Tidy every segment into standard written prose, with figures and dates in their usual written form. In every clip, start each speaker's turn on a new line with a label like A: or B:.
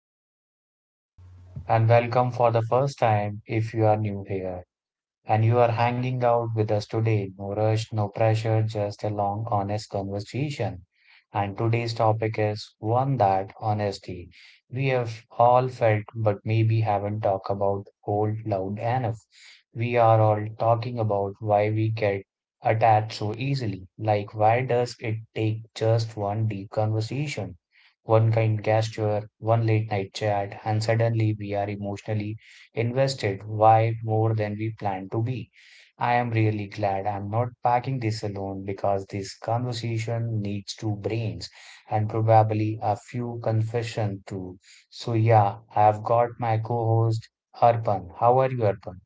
A: podcast and welcome for the first time if you are new here. And you are hanging out with us today. No rush, no pressure, just a long, honest conversation. And today's topic is one that honesty we have all felt, but maybe haven't talked about whole loud enough. We are all talking about why we get attached so easily. Like, why does it take just one deep conversation, one kind gesture, one late night chat, and suddenly we are emotionally invested way more than we planned to be. I am really glad I'm not packing this alone because this conversation needs two brains and probably a few confession too. So yeah, I've got my co-host Arpan. How are you, Arpan?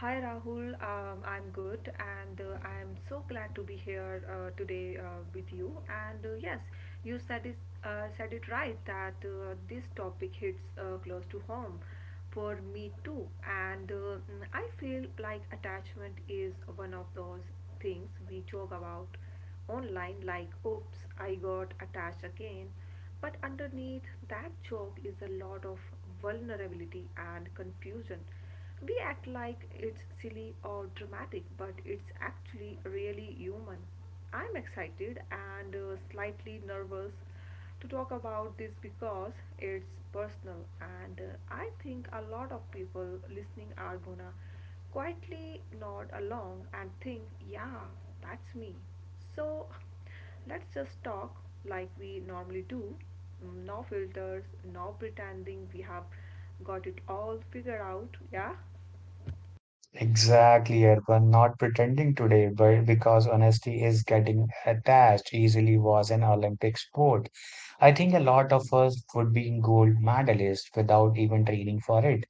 B: Hi Rahul, I'm good and I'm so glad to be here today with you. And yes, you said it right that this topic hits close to home for me too. And I feel like attachment is one of those things we joke about online, like, oops, I got attached again, but underneath that joke is a lot of vulnerability and confusion. We act like it's silly or dramatic, but it's actually really human. I'm excited and slightly nervous to talk about this because it's personal, and I think a lot of people listening are gonna quietly nod along and think, yeah, that's me. So let's just talk like we normally do. No filters, no pretending we have got it all figured out, yeah?
A: Exactly, Erwan. Not pretending today, but because honesty is getting attached easily was an Olympic sport. I think a lot of us would be gold medalists without even training for it.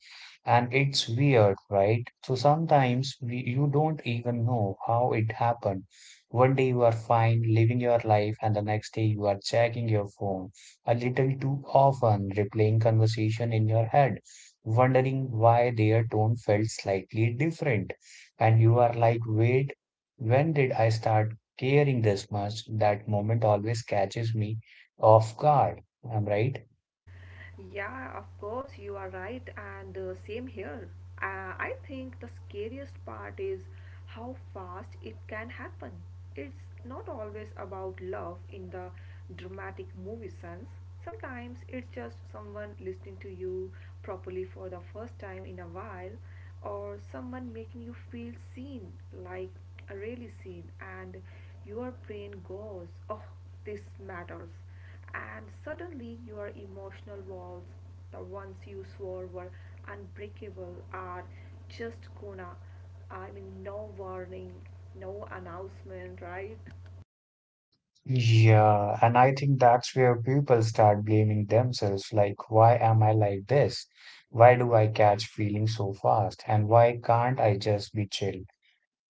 A: And it's weird, right? So sometimes we, you don't even know how it happened. One day you are fine living your life, and the next day you are checking your phone a little too often, replaying conversation in your head wondering why their tone felt slightly different. And you are like, wait, when did I start caring this much? That moment always catches me off guard. I'm right.
B: Yeah, of course, you are right, and same here. I think the scariest part is how fast it can happen. It's not always about love in the dramatic movie sense. Sometimes it's just someone listening to you properly for the first time in a while, or someone making you feel seen, like really seen, and your brain goes, oh, this matters. And suddenly your emotional walls, the ones you swore were unbreakable, are just gonna, I mean, no warning, no announcement, right?
A: Yeah, and I think that's where people start blaming themselves, like, why am I like this? Why do I catch feelings so fast? And why can't I just be chill?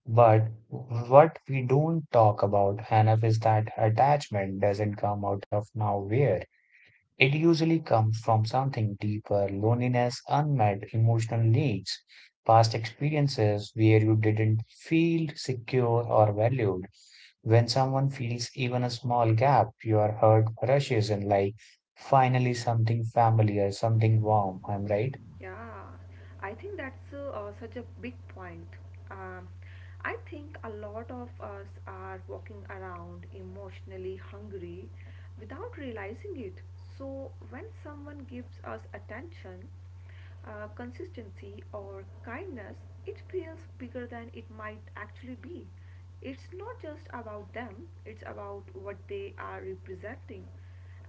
A: But what we don't talk about enough is that attachment doesn't come out of nowhere. It usually comes from something deeper loneliness, unmet emotional needs, past experiences where you didn't feel secure or valued. When someone feels even a small gap, your heart rushes in like, finally, something familiar, something warm. I'm right.
B: Yeah, I think that's such a big point. Um, I think a lot of us are walking around emotionally hungry without realizing it. So, when someone gives us attention, consistency, or kindness, it feels bigger than it might actually be. It's not just about them, it's about what they are representing,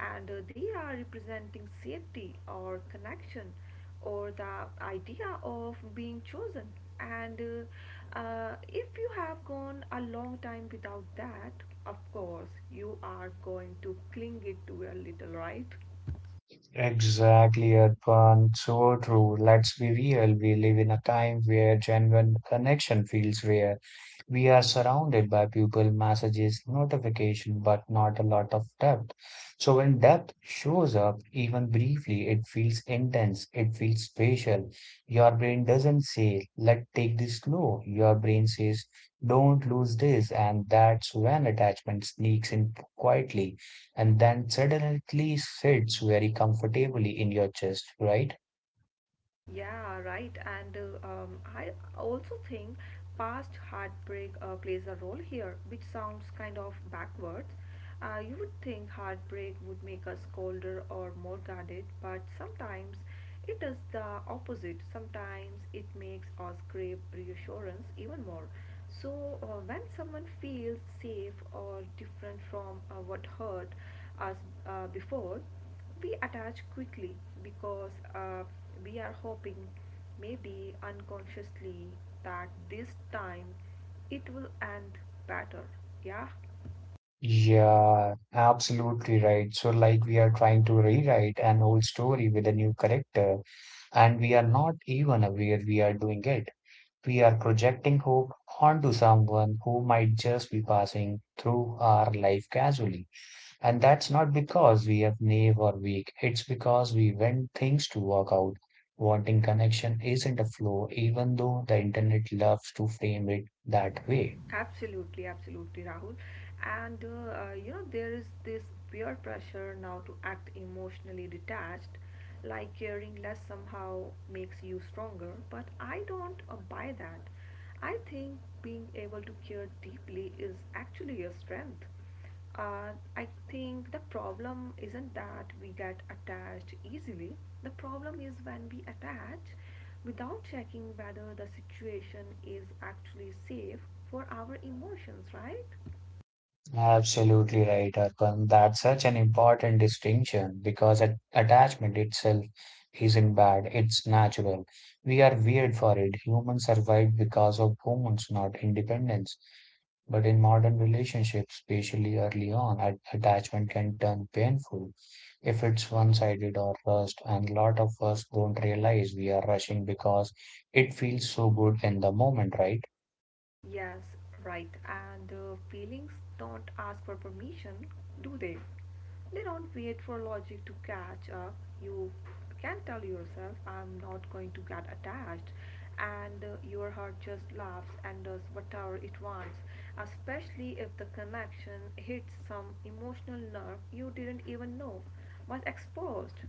B: and they are representing safety or connection or the idea of being chosen. And if you have gone a long time without that, of course you are going to cling it to a little, right?
A: Exactly, Arpan. So true. Let's be real. We live in a time where genuine connection feels rare. We are surrounded by people, messages, notification, but not a lot of depth. So when depth shows up, even briefly, it feels intense. It feels special. Your brain doesn't say, let us take this slow. Your brain says, don't lose this. And that's when attachment sneaks in quietly and then suddenly sits very comfortably in your chest, right?
B: Yeah, right. And I also think past heartbreak plays a role here, which sounds kind of backwards. You would think heartbreak would make us colder or more guarded, but sometimes it does the opposite. Sometimes it makes us crave reassurance even more. So, when someone feels safe or different from what hurt us before, we attach quickly because we are hoping, maybe unconsciously, that this time it will end better. Yeah,
A: Yeah, absolutely right. So, like, we are trying to rewrite an old story with a new character, and we are not even aware we are doing it. We are projecting hope onto someone who might just be passing through our life casually. And that's not because we are naive or weak. It's because we want things to work out. Wanting connection isn't a flaw, even though the internet loves to frame it that way.
B: absolutely, Rahul. And you know, there is this peer pressure now to act emotionally detached, like caring less somehow makes you stronger. But I don't buy that. I think being able to care deeply is actually a strength. Uh, I think the problem isn't that we get attached easily. The problem is when we attach without checking whether the situation is actually safe for our emotions, right?
A: Absolutely right, Arpan. That's such an important distinction because attachment itself isn't bad, it's natural. We are weird for it. Humans survived because of hormones, not independence. But in modern relationships, especially early on, attachment can turn painful if it's one-sided or rushed, and lot of us don't realize we are rushing because it feels so good in the moment, right?
B: Yes, right. And feelings don't ask for permission, do they? They don't wait for logic to catch up. You can tell yourself, I'm not going to get attached. And your heart just laughs and does whatever it wants, especially if the connection hits some emotional nerve you didn't even know was exposed.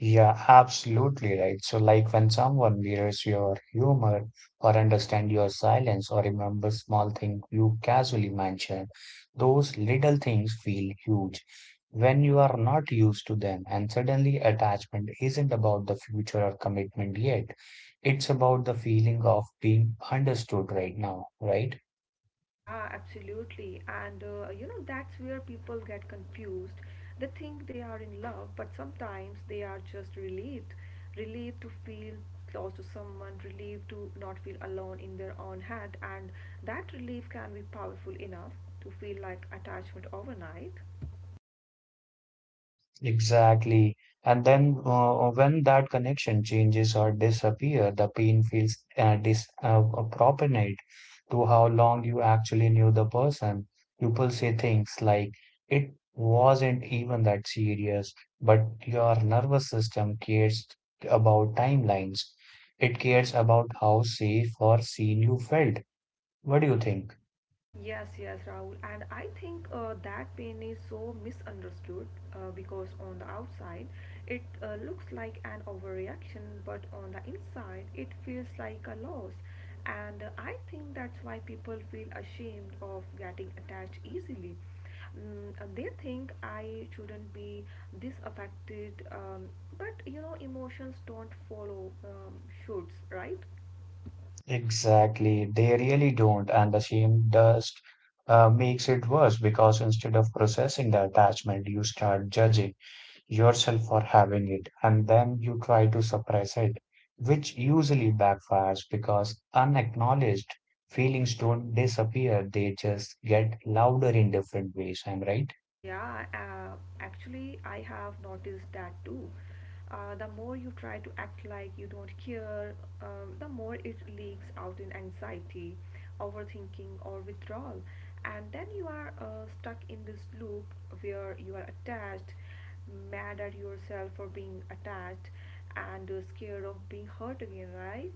A: Yeah, absolutely right. So, like when someone mirrors your humor or understand your silence or remember small things you casually mentioned, those little things feel huge when you are not used to them. And suddenly, attachment isn't about the future or commitment yet. It's about the feeling of being understood right now, right?
B: Yeah, absolutely. And you know, that's where people get confused. They think they are in love, but sometimes they are just relieved. Relieved to feel close to someone, relieved to not feel alone in their own head. And that relief can be powerful enough to feel like attachment overnight.
A: Exactly. And then when that connection changes or disappear, the pain feels dis proportionate to how long you actually knew the person. People say things like, it wasn't even that serious, but your nervous system cares about timelines. It cares about how safe or seen you felt. What do you think?
B: Yes, yes, Rahul. And I think that pain is so misunderstood because on the outside it looks like an overreaction, but on the inside it feels like a loss. And I think that's why people feel ashamed of getting attached easily. They think, I shouldn't be this affected, but you know, emotions don't follow, shoots, right?
A: Exactly, they really don't, and the shame dust makes it worse because instead of processing the attachment, you start judging yourself for having it, and then you try to suppress it, which usually backfires because unacknowledged feelings don't disappear, they just get louder in different ways. I'm right.
B: Yeah, actually, I have noticed that too. The more you try to act like you don't care, the more it leaks out in anxiety, overthinking, or withdrawal. And then you are stuck in this loop where you are attached, mad at yourself for being attached, and scared of being hurt again, right?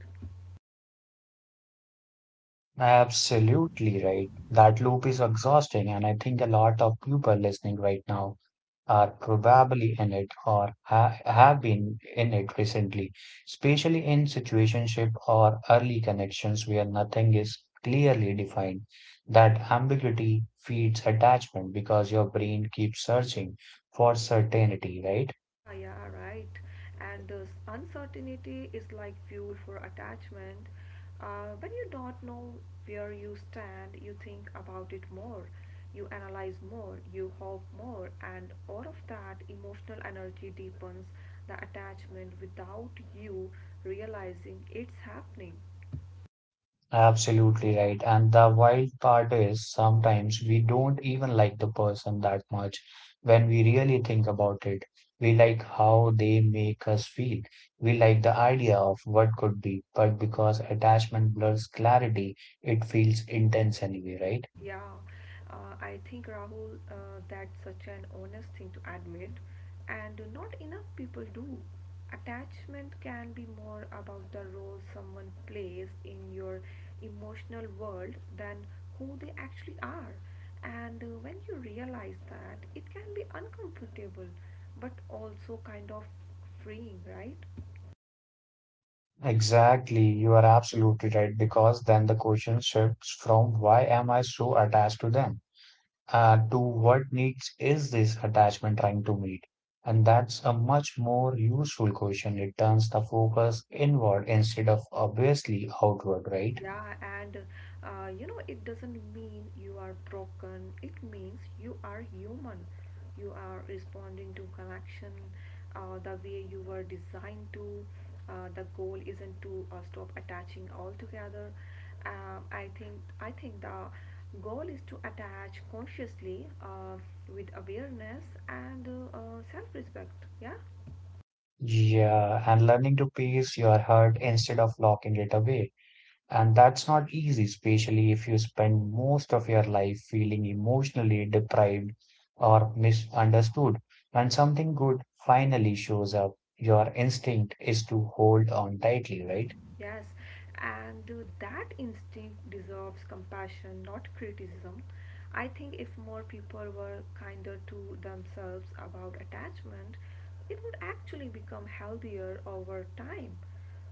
A: Absolutely right. That loop is exhausting, and I think a lot of people listening right now are probably in it or ha have been in it recently, especially in situationship or early connections where nothing is clearly defined. That ambiguity feeds attachment because your brain keeps searching for certainty, right?
B: Yeah, right. And this uncertainty is like fuel for attachment. When you don't know where you stand, you think about it more, you analyze more, you hope more, and all of that emotional energy deepens the attachment without you realizing it's happening.
A: Absolutely right. And the wild part is sometimes we don't even like the person that much when we really think about it. We like how they make us feel. We like the idea of what could be, but because attachment blurs clarity, it feels intense anyway, right?
B: Yeah, I think Rahul, that's such an honest thing to admit, and not enough people do. Attachment can be more about the role someone plays in your emotional world than who they actually are. And when you realize that, it can be uncomfortable, but also kind of freeing, right?
A: Exactly. You are absolutely right because then the question shifts from why am I so attached to them? To what needs is this attachment trying to meet? And that's a much more useful question. It turns the focus inward instead of obviously outward, right?
B: Yeah, and you know, it doesn't mean you are broken. It means you are human. You are responding to connection the way you were designed to. The goal isn't to stop attaching altogether. Um, I think I think the goal is to attach consciously with awareness and self-respect. Yeah.
A: Yeah, and learning to pace your heart instead of locking it away. And that's not easy, especially if you spend most of your life feeling emotionally deprived or misunderstood. When something good finally shows up, your instinct is to hold on tightly, right?
B: Yes, and that instinct deserves compassion, not criticism. I think if more people were kinder to themselves about attachment, it would actually become healthier over time.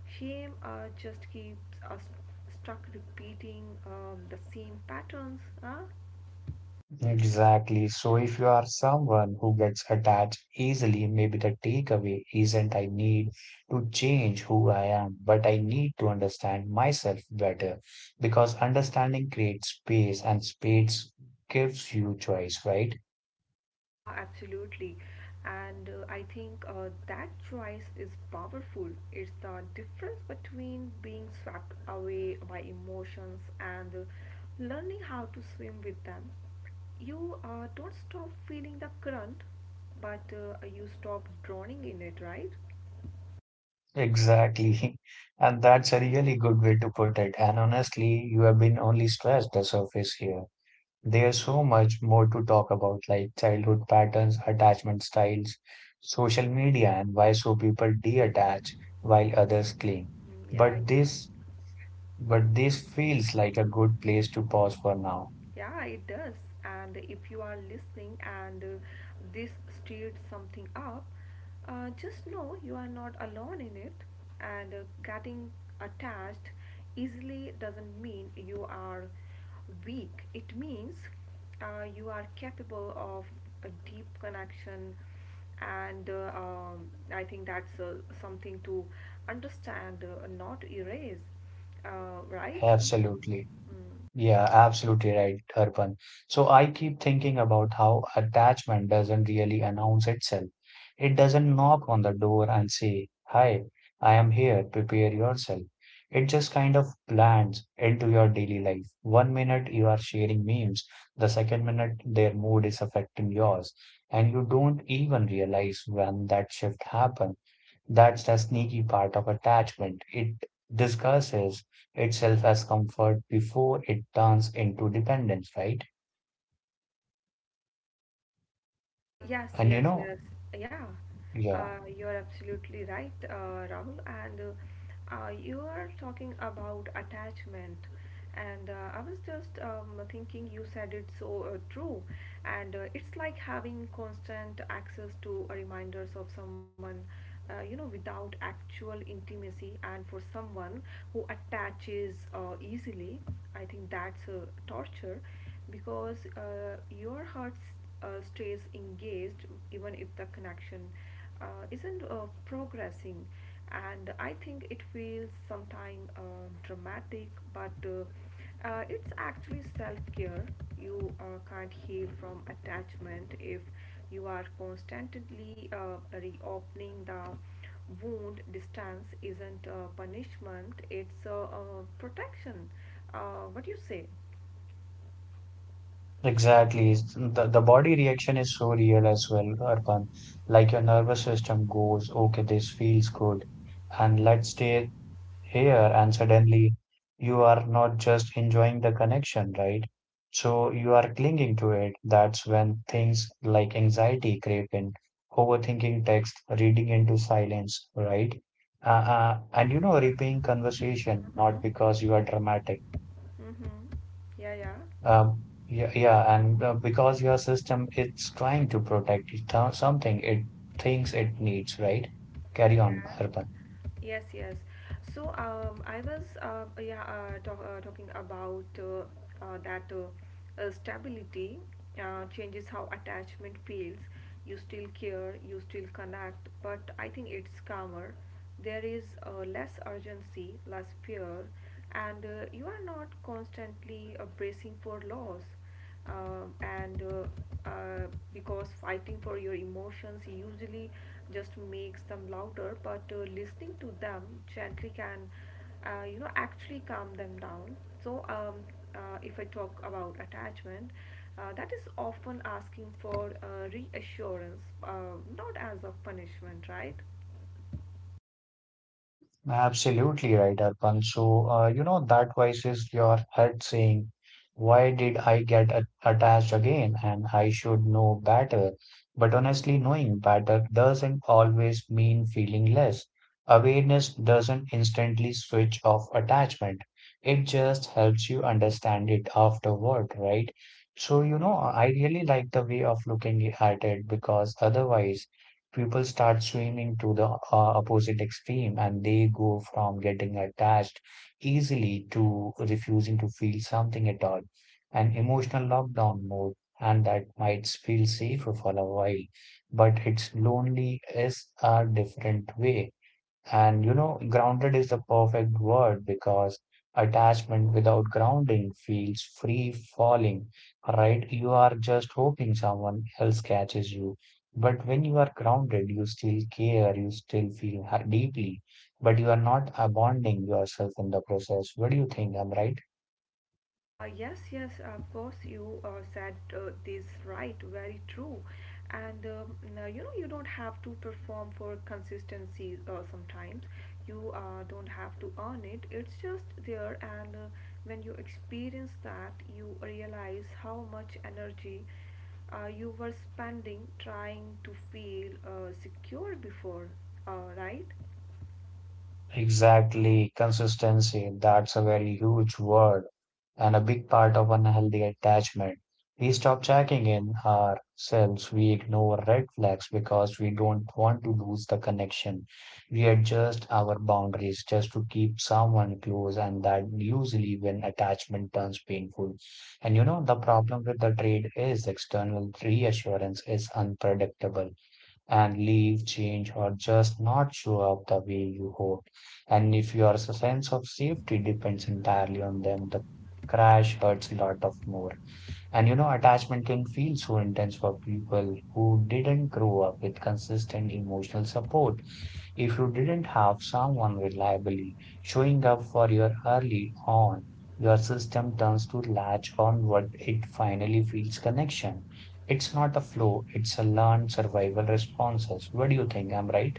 B: Shame just keeps us stuck repeating the same patterns. Huh?
A: Exactly. So if you are someone who gets attached easily, maybe the takeaway isn't I need to change who I am, but I need to understand myself better because understanding creates space and space gives you choice, right?
B: Yeah, absolutely. And I think that choice is powerful. It's the difference between being swept away by emotions and learning how to swim with them. You don't stop feeling the current, but you stop drowning in it, right?
A: Exactly. And that's a really good way to put it. And honestly, you have been only scratched the surface here. There's so much more to talk about, like childhood patterns, attachment styles, social media, and why so people de-attach while others cling.
B: Yeah, yeah.
A: But this feels like a good place to pause for now.
B: Yeah, it does. And if you are listening and this stirred something up, just know you are not alone in it. And getting attached easily doesn't mean you are weak, it means you are capable of a deep connection. And I think that's something to understand, not erase, right?
A: Absolutely.
B: Mm.
A: Yeah, absolutely right, Harpan. So I keep thinking about how attachment doesn't really announce itself. It doesn't knock on the door and say, Hi, I am here, prepare yourself. It just kind of blends into your daily life. One minute you are sharing memes, the second minute their mood is affecting yours, and you don't even realize when that shift happens. That's the sneaky part of attachment. It disguises itself as comfort before it turns into dependence, right?
B: Uh, yes,
A: And you
B: yes,
A: know,
B: yes. Yeah,
A: yeah,
B: you're absolutely right, Rahul. And you are talking about attachment. And I was just thinking, you said it so true. And it's like having constant access to reminders of someone, you know, without actual intimacy. And for someone who attaches easily, I think that's torture because your heart stays engaged even if the connection uh, isn't progressing. And I think it feels sometimes dramatic, but it's actually self-care. You can't heal from attachment if you are constantly reopening the wound. Distance isn't a punishment, it's a, protection. What do you say?
A: exactly. The body reaction is so real as well, Arpan. Like your nervous system goes, okay, this feels good, and let's stay here and suddenly you are not just enjoying the connection, right? So you are clinging to it. That's when things like anxiety creep in, overthinking text, reading into silence, right? And you know, replaying conversation, not because you are dramatic.
B: Mm-hmm. Yeah, yeah,
A: Yeah, yeah, and Because your system is trying to protect it, something it thinks it needs, right? Carry on,
B: yeah.
A: Arpan.
B: Yes, yes. So, I was talking about that stability changes how attachment feels. You still care, you still connect, but I think it's calmer. There is less urgency, less fear, and you are not constantly bracing for loss. And Because fighting for your emotions usually just makes them louder, but listening to them gently can you know, actually calm them down. So if I talk about attachment, that is often asking for reassurance, not as a punishment, right?
A: Absolutely right, Arpan. So, you know, that voice is your head saying, why did I get attached again? And I should know better. But honestly, knowing better doesn't always mean feeling less. Awareness doesn't instantly switch off attachment. It just helps you understand it afterward, right? So, you know, I really like the way of looking at it because otherwise, people start swimming to the opposite extreme and they go from getting attached easily to refusing to feel something at all, an emotional lockdown mode, and that might feel safer for a while, but it's lonely is a different way. And you know, grounded is the perfect word because attachment without grounding feels free falling, right? You are just hoping someone else catches you. But when you are grounded, you still care, you still feel deeply, but you are not abandoning yourself in the process. What do you think? I'm right?
B: Yes, yes, of course, you said this right, very true. And now, you know, you don't have to perform for consistency sometimes. You don't have to earn it, it's just there. And when you experience that, you realize how much energy you were spending trying to feel secure before, right?
A: Exactly. Consistency. That's a very huge word and a big part of unhealthy attachment. We stop checking in ourselves, we ignore red flags because we don't want to lose the connection. We adjust our boundaries just to keep someone close, and that usually when attachment turns painful. And you know, the problem with the trade is external reassurance is unpredictable and leave, change, or just not show up the way you hoped. And if your sense of safety depends entirely on them, the crash hurts a lot of more. And you know, attachment can feel so intense for people who didn't grow up with consistent emotional support if you didn't have someone reliably showing up for you early on, your system turns to latch on what it finally feels connection. It's not a flow, it's a learned survival responses. What do you think? I'm right.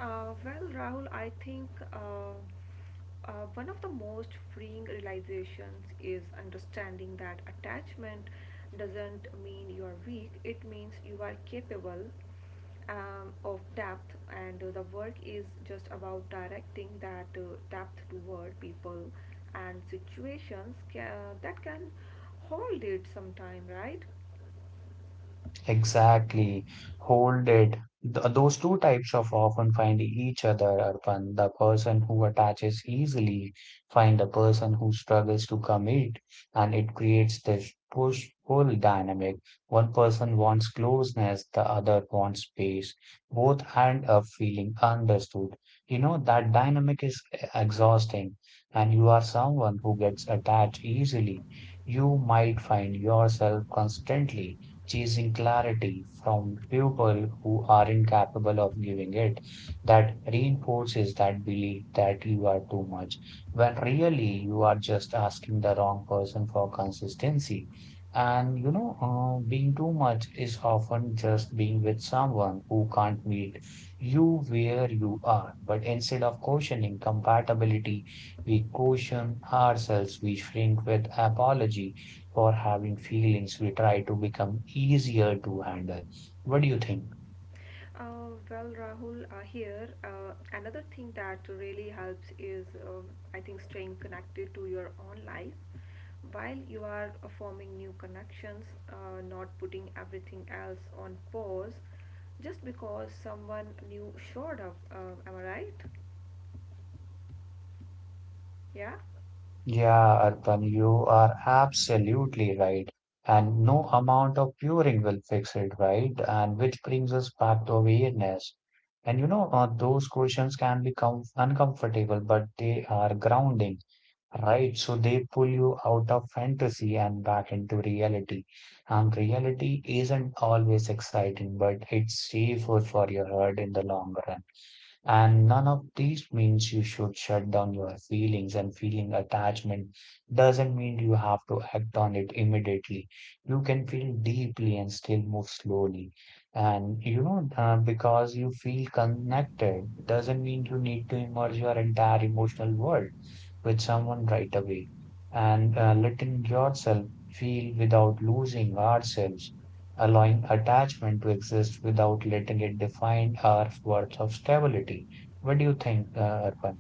B: Well, Rahul, I think one of the most freeing realizations is understanding that attachment doesn't mean you're weak, it means you are capable of depth, and the work is just about directing that depth toward people and situations that can hold it sometime, right?
A: Exactly. Hold it. Those two types of often find each other, Arpan. The person who attaches easily find the person who struggles to commit, and it creates this push-pull dynamic. One person wants closeness, the other wants space. Both end up feeling understood. You know, that dynamic is exhausting, and you are someone who gets attached easily. You might find yourself constantly chasing clarity from people who are incapable of giving it. That reinforces that belief that you are too much, when really you are just asking the wrong person for consistency. Being too much is often just being with someone who can't meet you where you are. But instead of questioning compatibility, we caution ourselves, we shrink with apology for having feelings we try to become easier to handle. What do you think?
B: Well, Rahul, here another thing that really helps is um I think staying connected to your own life while you are forming new connections, not putting everything else on pause just because someone new showed up. Am I right? Yeah.
A: Yeah, Arpan, you are absolutely right. And no amount of curing will fix it, right? And which brings us back to awareness. Those questions can become uncomfortable, but they are grounding, right? So they pull you out of fantasy and back into reality. And reality isn't always exciting, but it's safer for your heart in the long run. And none of these means you should shut down your feelings, and feeling attachment doesn't mean you have to act on it immediately. You can feel deeply and still move slowly. Because you feel connected doesn't mean you need to immerse your entire emotional world with someone right away, and letting yourself feel without losing ourselves, allowing attachment to exist without letting it define our worth of stability. What do you think, Arpan?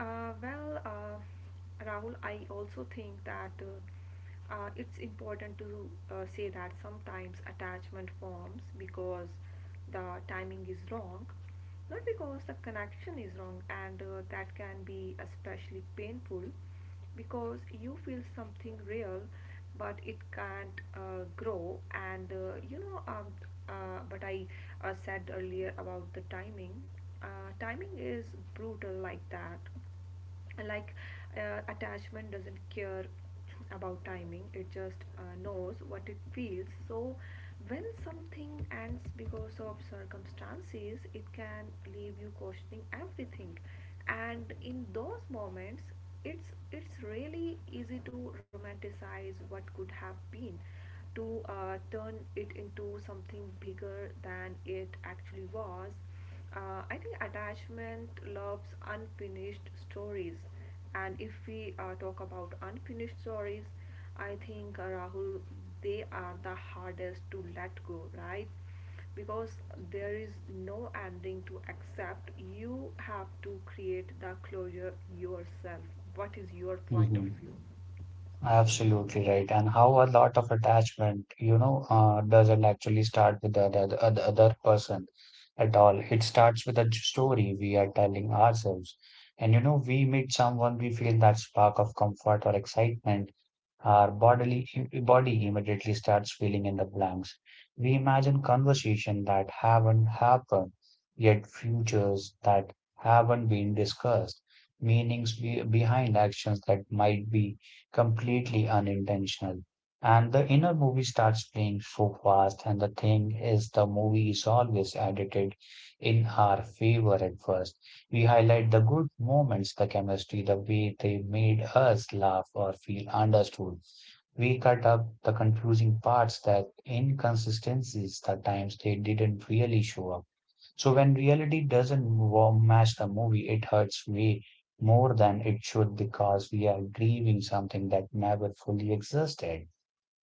B: Well, Rahul, I also think that it's important to say that sometimes attachment forms because the timing is wrong, not because the connection is wrong, and that can be especially painful because you feel something real, but it can't grow. And you know, but I said earlier about the timing. Timing is brutal like that, like, attachment doesn't care about timing, it just knows what it feels. So when something ends because of circumstances, it can leave you questioning everything. And in those moments, it's really easy to romanticize what could have been, to turn it into something bigger than it actually was. I think attachment loves unfinished stories, and if we talk about unfinished stories, I think Rahul, they are the hardest to let go, right? Because there is no ending to accept. You have to create the closure yourself. What is your point of
A: Hmm.
B: view?
A: Absolutely right. And how a lot of attachment, doesn't actually start with the other person at all. It starts with a story we are telling ourselves. And we meet someone, we feel that spark of comfort or excitement. Our bodily body immediately starts filling in the blanks. We imagine conversations that haven't happened yet, futures that haven't been discussed, meanings behind actions that might be completely unintentional. And the inner movie starts playing so fast, and the thing is, the movie is always edited in our favor at first. We highlight the good moments, the chemistry, the way they made us laugh or feel understood. We cut up the confusing parts, that inconsistencies, the times they didn't really show up. So when reality doesn't match the movie, it hurts way more than it should because we are grieving something that never fully existed.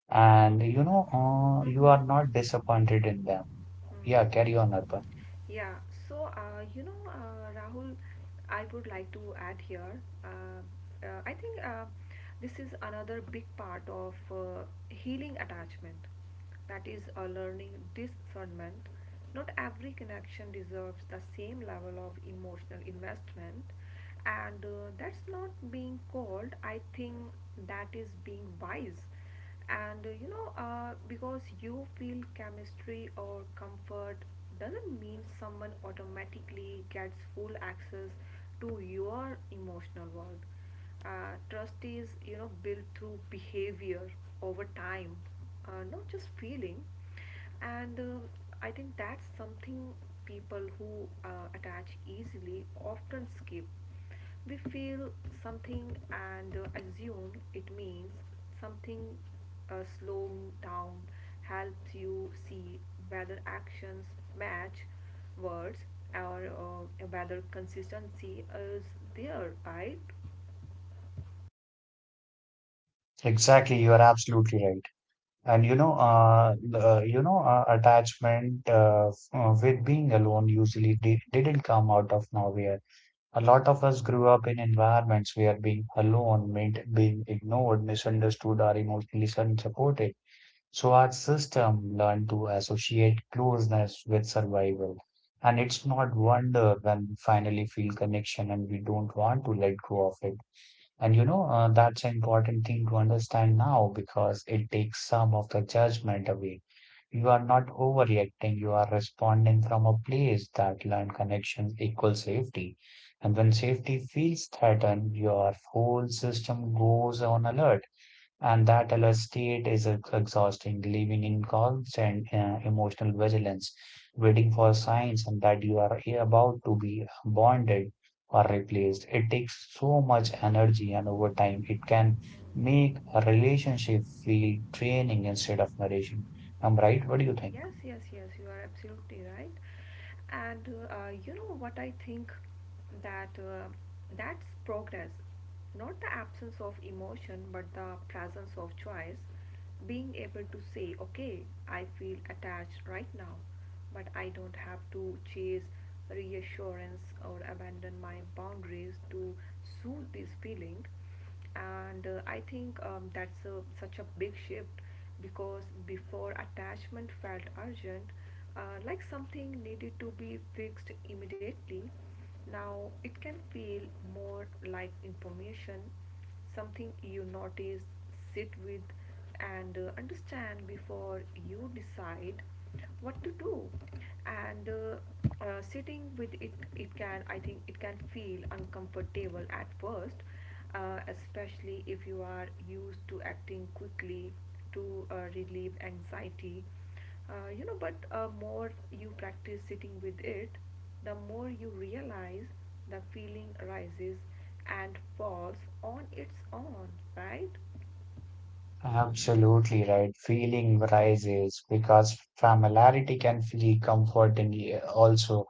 A: You
B: Mm-hmm.
A: are not disappointed in them. Yeah, carry
B: Hmm.
A: on, Arpan.
B: Yeah, so Rahul, I would like to add here. I think this is another big part of healing attachment. That is, learning discernment. Not every connection deserves the same level of emotional investment, and that's not being cold. I think that is being wise and because you feel chemistry or comfort doesn't mean someone automatically gets full access to your emotional world. Trust is built through behavior over time, not just feeling. And um i think that's something people who attach easily often skip. We feel something and assume it means something. Slow down helps you see whether actions match words, or whether consistency is there, right?
A: Exactly, you are absolutely right. And you know, the, you know, Attachment with being alone usually di didn't come out of nowhere. A lot of us grew up in environments where being alone meant being ignored, misunderstood, or emotionally unsupported. So our system learned to associate closeness with survival. And it's not wonder when we finally feel connection and we don't want to let go of it. That's an important thing to understand now because it takes some of the judgment away. You are not overreacting, you are responding from a place that learned connection equals safety. And when safety feels threatened, your whole system goes on alert. And that alert state is exhausting, living in constant emotional vigilance, waiting for signs and that you are about to be bonded or replaced. It takes so much energy, and over time, it can make a relationship feel draining instead of nourishing. I'm
B: Yeah.
A: right. What do you think?
B: Yes, yes, yes, you are absolutely right. And you know what I think, that that's progress, not the absence of emotion, but the presence of choice. Being able to say, okay, I feel attached right now, but I don't have to chase reassurance or abandon my boundaries to soothe this feeling. And uh, i think that's a, such a big shift, because before attachment felt urgent, like something needed to be fixed immediately. Now it can feel more like information, something you notice, sit with, and understand before you decide what to do. And sitting with it, it can, I think, it can feel uncomfortable at first, especially if you are used to acting quickly to relieve anxiety. But more you practice sitting with it, the more you realize the feeling arises and falls on its own, right?
A: Absolutely right. Feeling rises because familiarity can feel comforting, eh, also,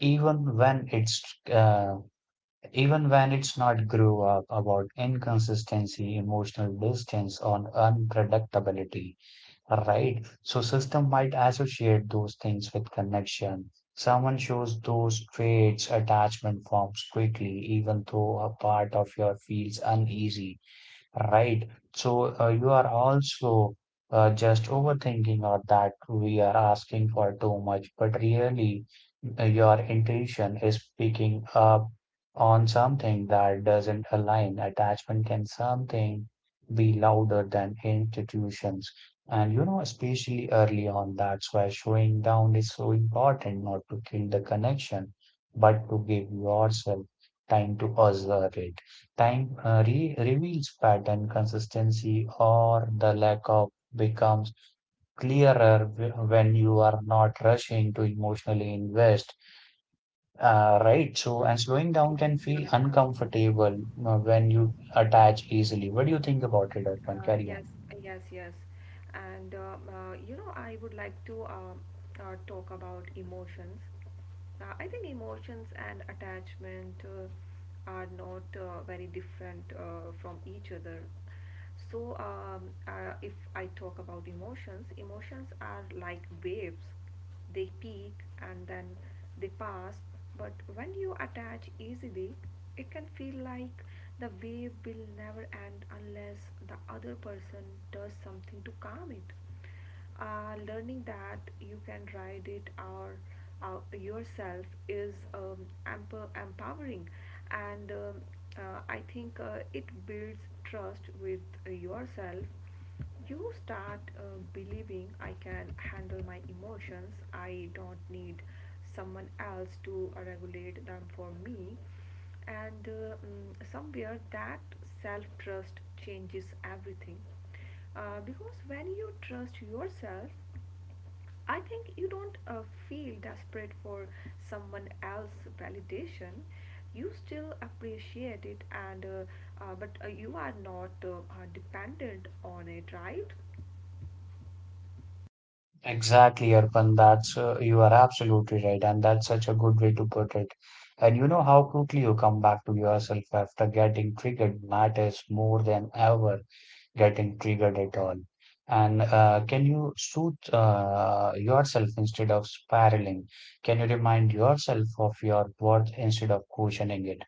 A: even when it's uh, even when it's not grew up about inconsistency emotional distance or unpredictability, right? So system might associate those things with connection, someone shows those traits attachment forms quickly even though a part of your feels uneasy. Right. So you are also just overthinking or that we are asking for too much, but really your intention is picking up on something that doesn't align. Attachment can something be louder than institutions. And you know, especially early on, that's why showing down is so important, not to kill the connection, but to give yourself time to observe it. Time re reveals pattern consistency or the lack of becomes clearer when you are not rushing to emotionally invest, right? So, and slowing down can
B: Yeah,
A: feel
B: yeah.
A: uncomfortable when you attach easily. What do you think about it, Arpan?
B: Uh,
A: Carry on.
B: yes, yes, yes. And you know, I would like to talk about emotions. Yeah, I think emotions and attachment are not very different from each other. So, if I talk about emotions, emotions are like waves. They peak and then they pass. But when you attach easily, it can feel like the wave will never end unless the other person does something to calm it. Learning that you can ride it or yourself is empowering, and I think it builds trust with yourself. You start believing, I can handle my emotions, I don't need someone else to regulate them for me. And somewhere that self trust changes everything, because when you trust yourself, I think you don't feel desperate for someone else's validation. You still appreciate it, and but you are not dependent on it, right?
A: Exactly, Arpan. That's You are absolutely right, and that's such a good way to put it. And you know how quickly you come back to yourself after getting triggered matters more than ever getting triggered at all? And can you soothe yourself instead of spiraling? Can you remind yourself of your worth instead of questioning it?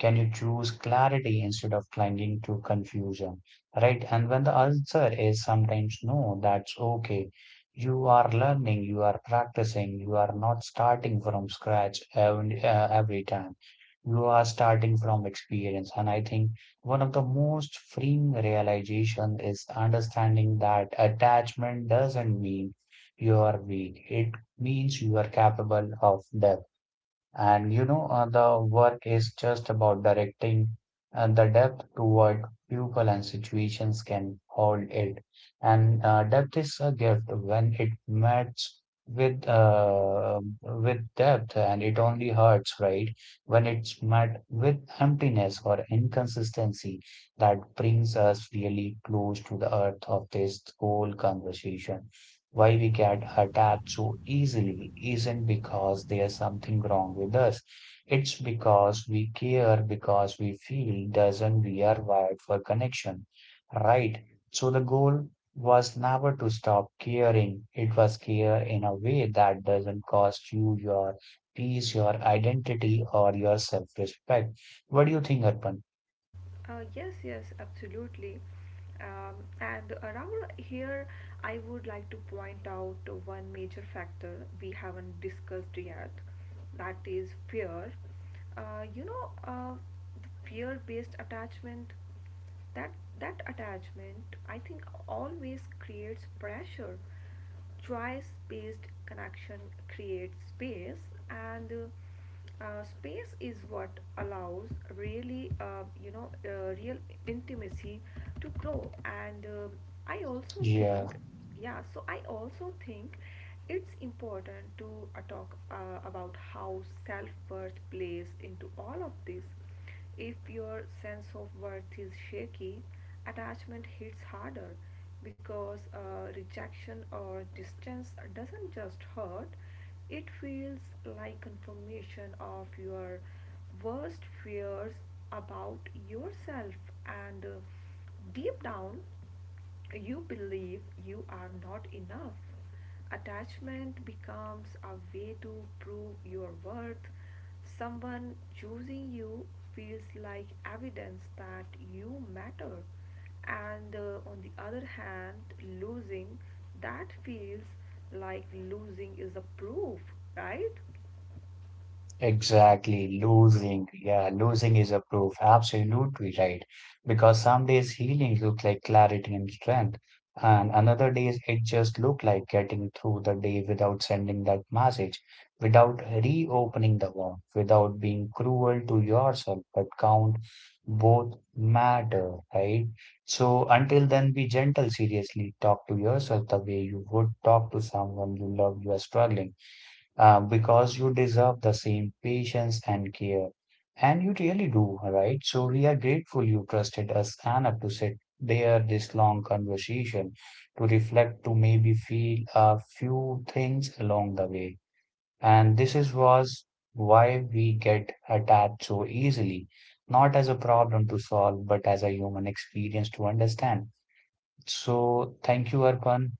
A: Can you choose clarity instead of clinging to confusion? Right? And when the answer is sometimes no, that's okay. You are learning, you are practicing, you are not starting from scratch every time. You are starting from experience. And I think one of the most freeing realization is understanding that attachment doesn't mean you are weak. It means you are capable of depth. The work is just about directing the depth toward people and situations can hold it. And depth is a gift when it matches with depth, and it only hurts, right? When it's met with emptiness or inconsistency, that brings us really close to the earth of this whole conversation why we get attached so easily isn't because there's something wrong with us. It's because we care, because we feel doesn't we are wired for connection, right? So the goal was never to stop caring. It was care in a way that doesn't cost you your peace, your identity, or your self-respect. What do you think, Arpan?
B: Yes, yes, absolutely. And around here, I would like to point out one major factor we haven't discussed yet, that is fear. Uh, you know, uh, the fear-based attachment. That that attachment, I think, always creates pressure. Choice-based connection creates space, and space is what allows really real intimacy to grow. And uh, i also
A: Yeah.
B: think, yeah so I also think it's important to talk about how self-worth plays into all of this. If your sense of worth is shaky, attachment hits harder, because rejection or distance doesn't just hurt, it feels like confirmation of your worst fears about yourself. And Deep down you believe you are not enough. Attachment becomes a way to prove your worth. Someone choosing you feels like evidence that you matter, and on the other hand, losing that feels like losing is a proof, right?
A: Exactly, losing. Yeah, losing is a proof. Absolutely right. Because some days healing looks like clarity and strength, and another days it just look like getting through the day without sending that message, without reopening the wound, without being cruel to yourself. But count both matter, right? So until then, be gentle. Seriously, talk to yourself the way you would talk to someone you love. You are struggling because you deserve the same patience and care. And you really do, right? So we are grateful you trusted us enough to sit there this long conversation, to reflect, to maybe feel a few things along the way. And this is was why we get attached so easily, not as a problem to solve, but as a human experience to understand. So thank you, Arpan.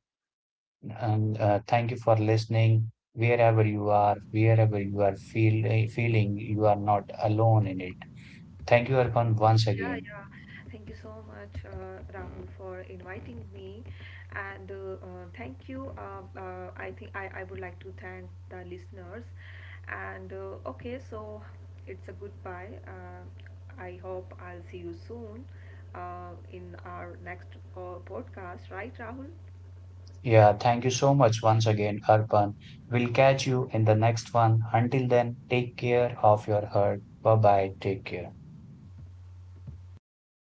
A: And thank you for listening. Wherever you are feel, eh, feeling, you are not alone in it. Thank you, Arpan, once
B: Yeah,
A: again.
B: yeah. Thank you so much, Rahul, for inviting me, and thank you. I think I would like to thank the listeners, and okay, so it's a goodbye. I hope I'll see you soon, in our next uh, podcast, right, Rahul?
A: Yeah, thank you so much once again, Arpan. We'll catch you in the next one. Until then, take care of your heart. Bye bye. Take care.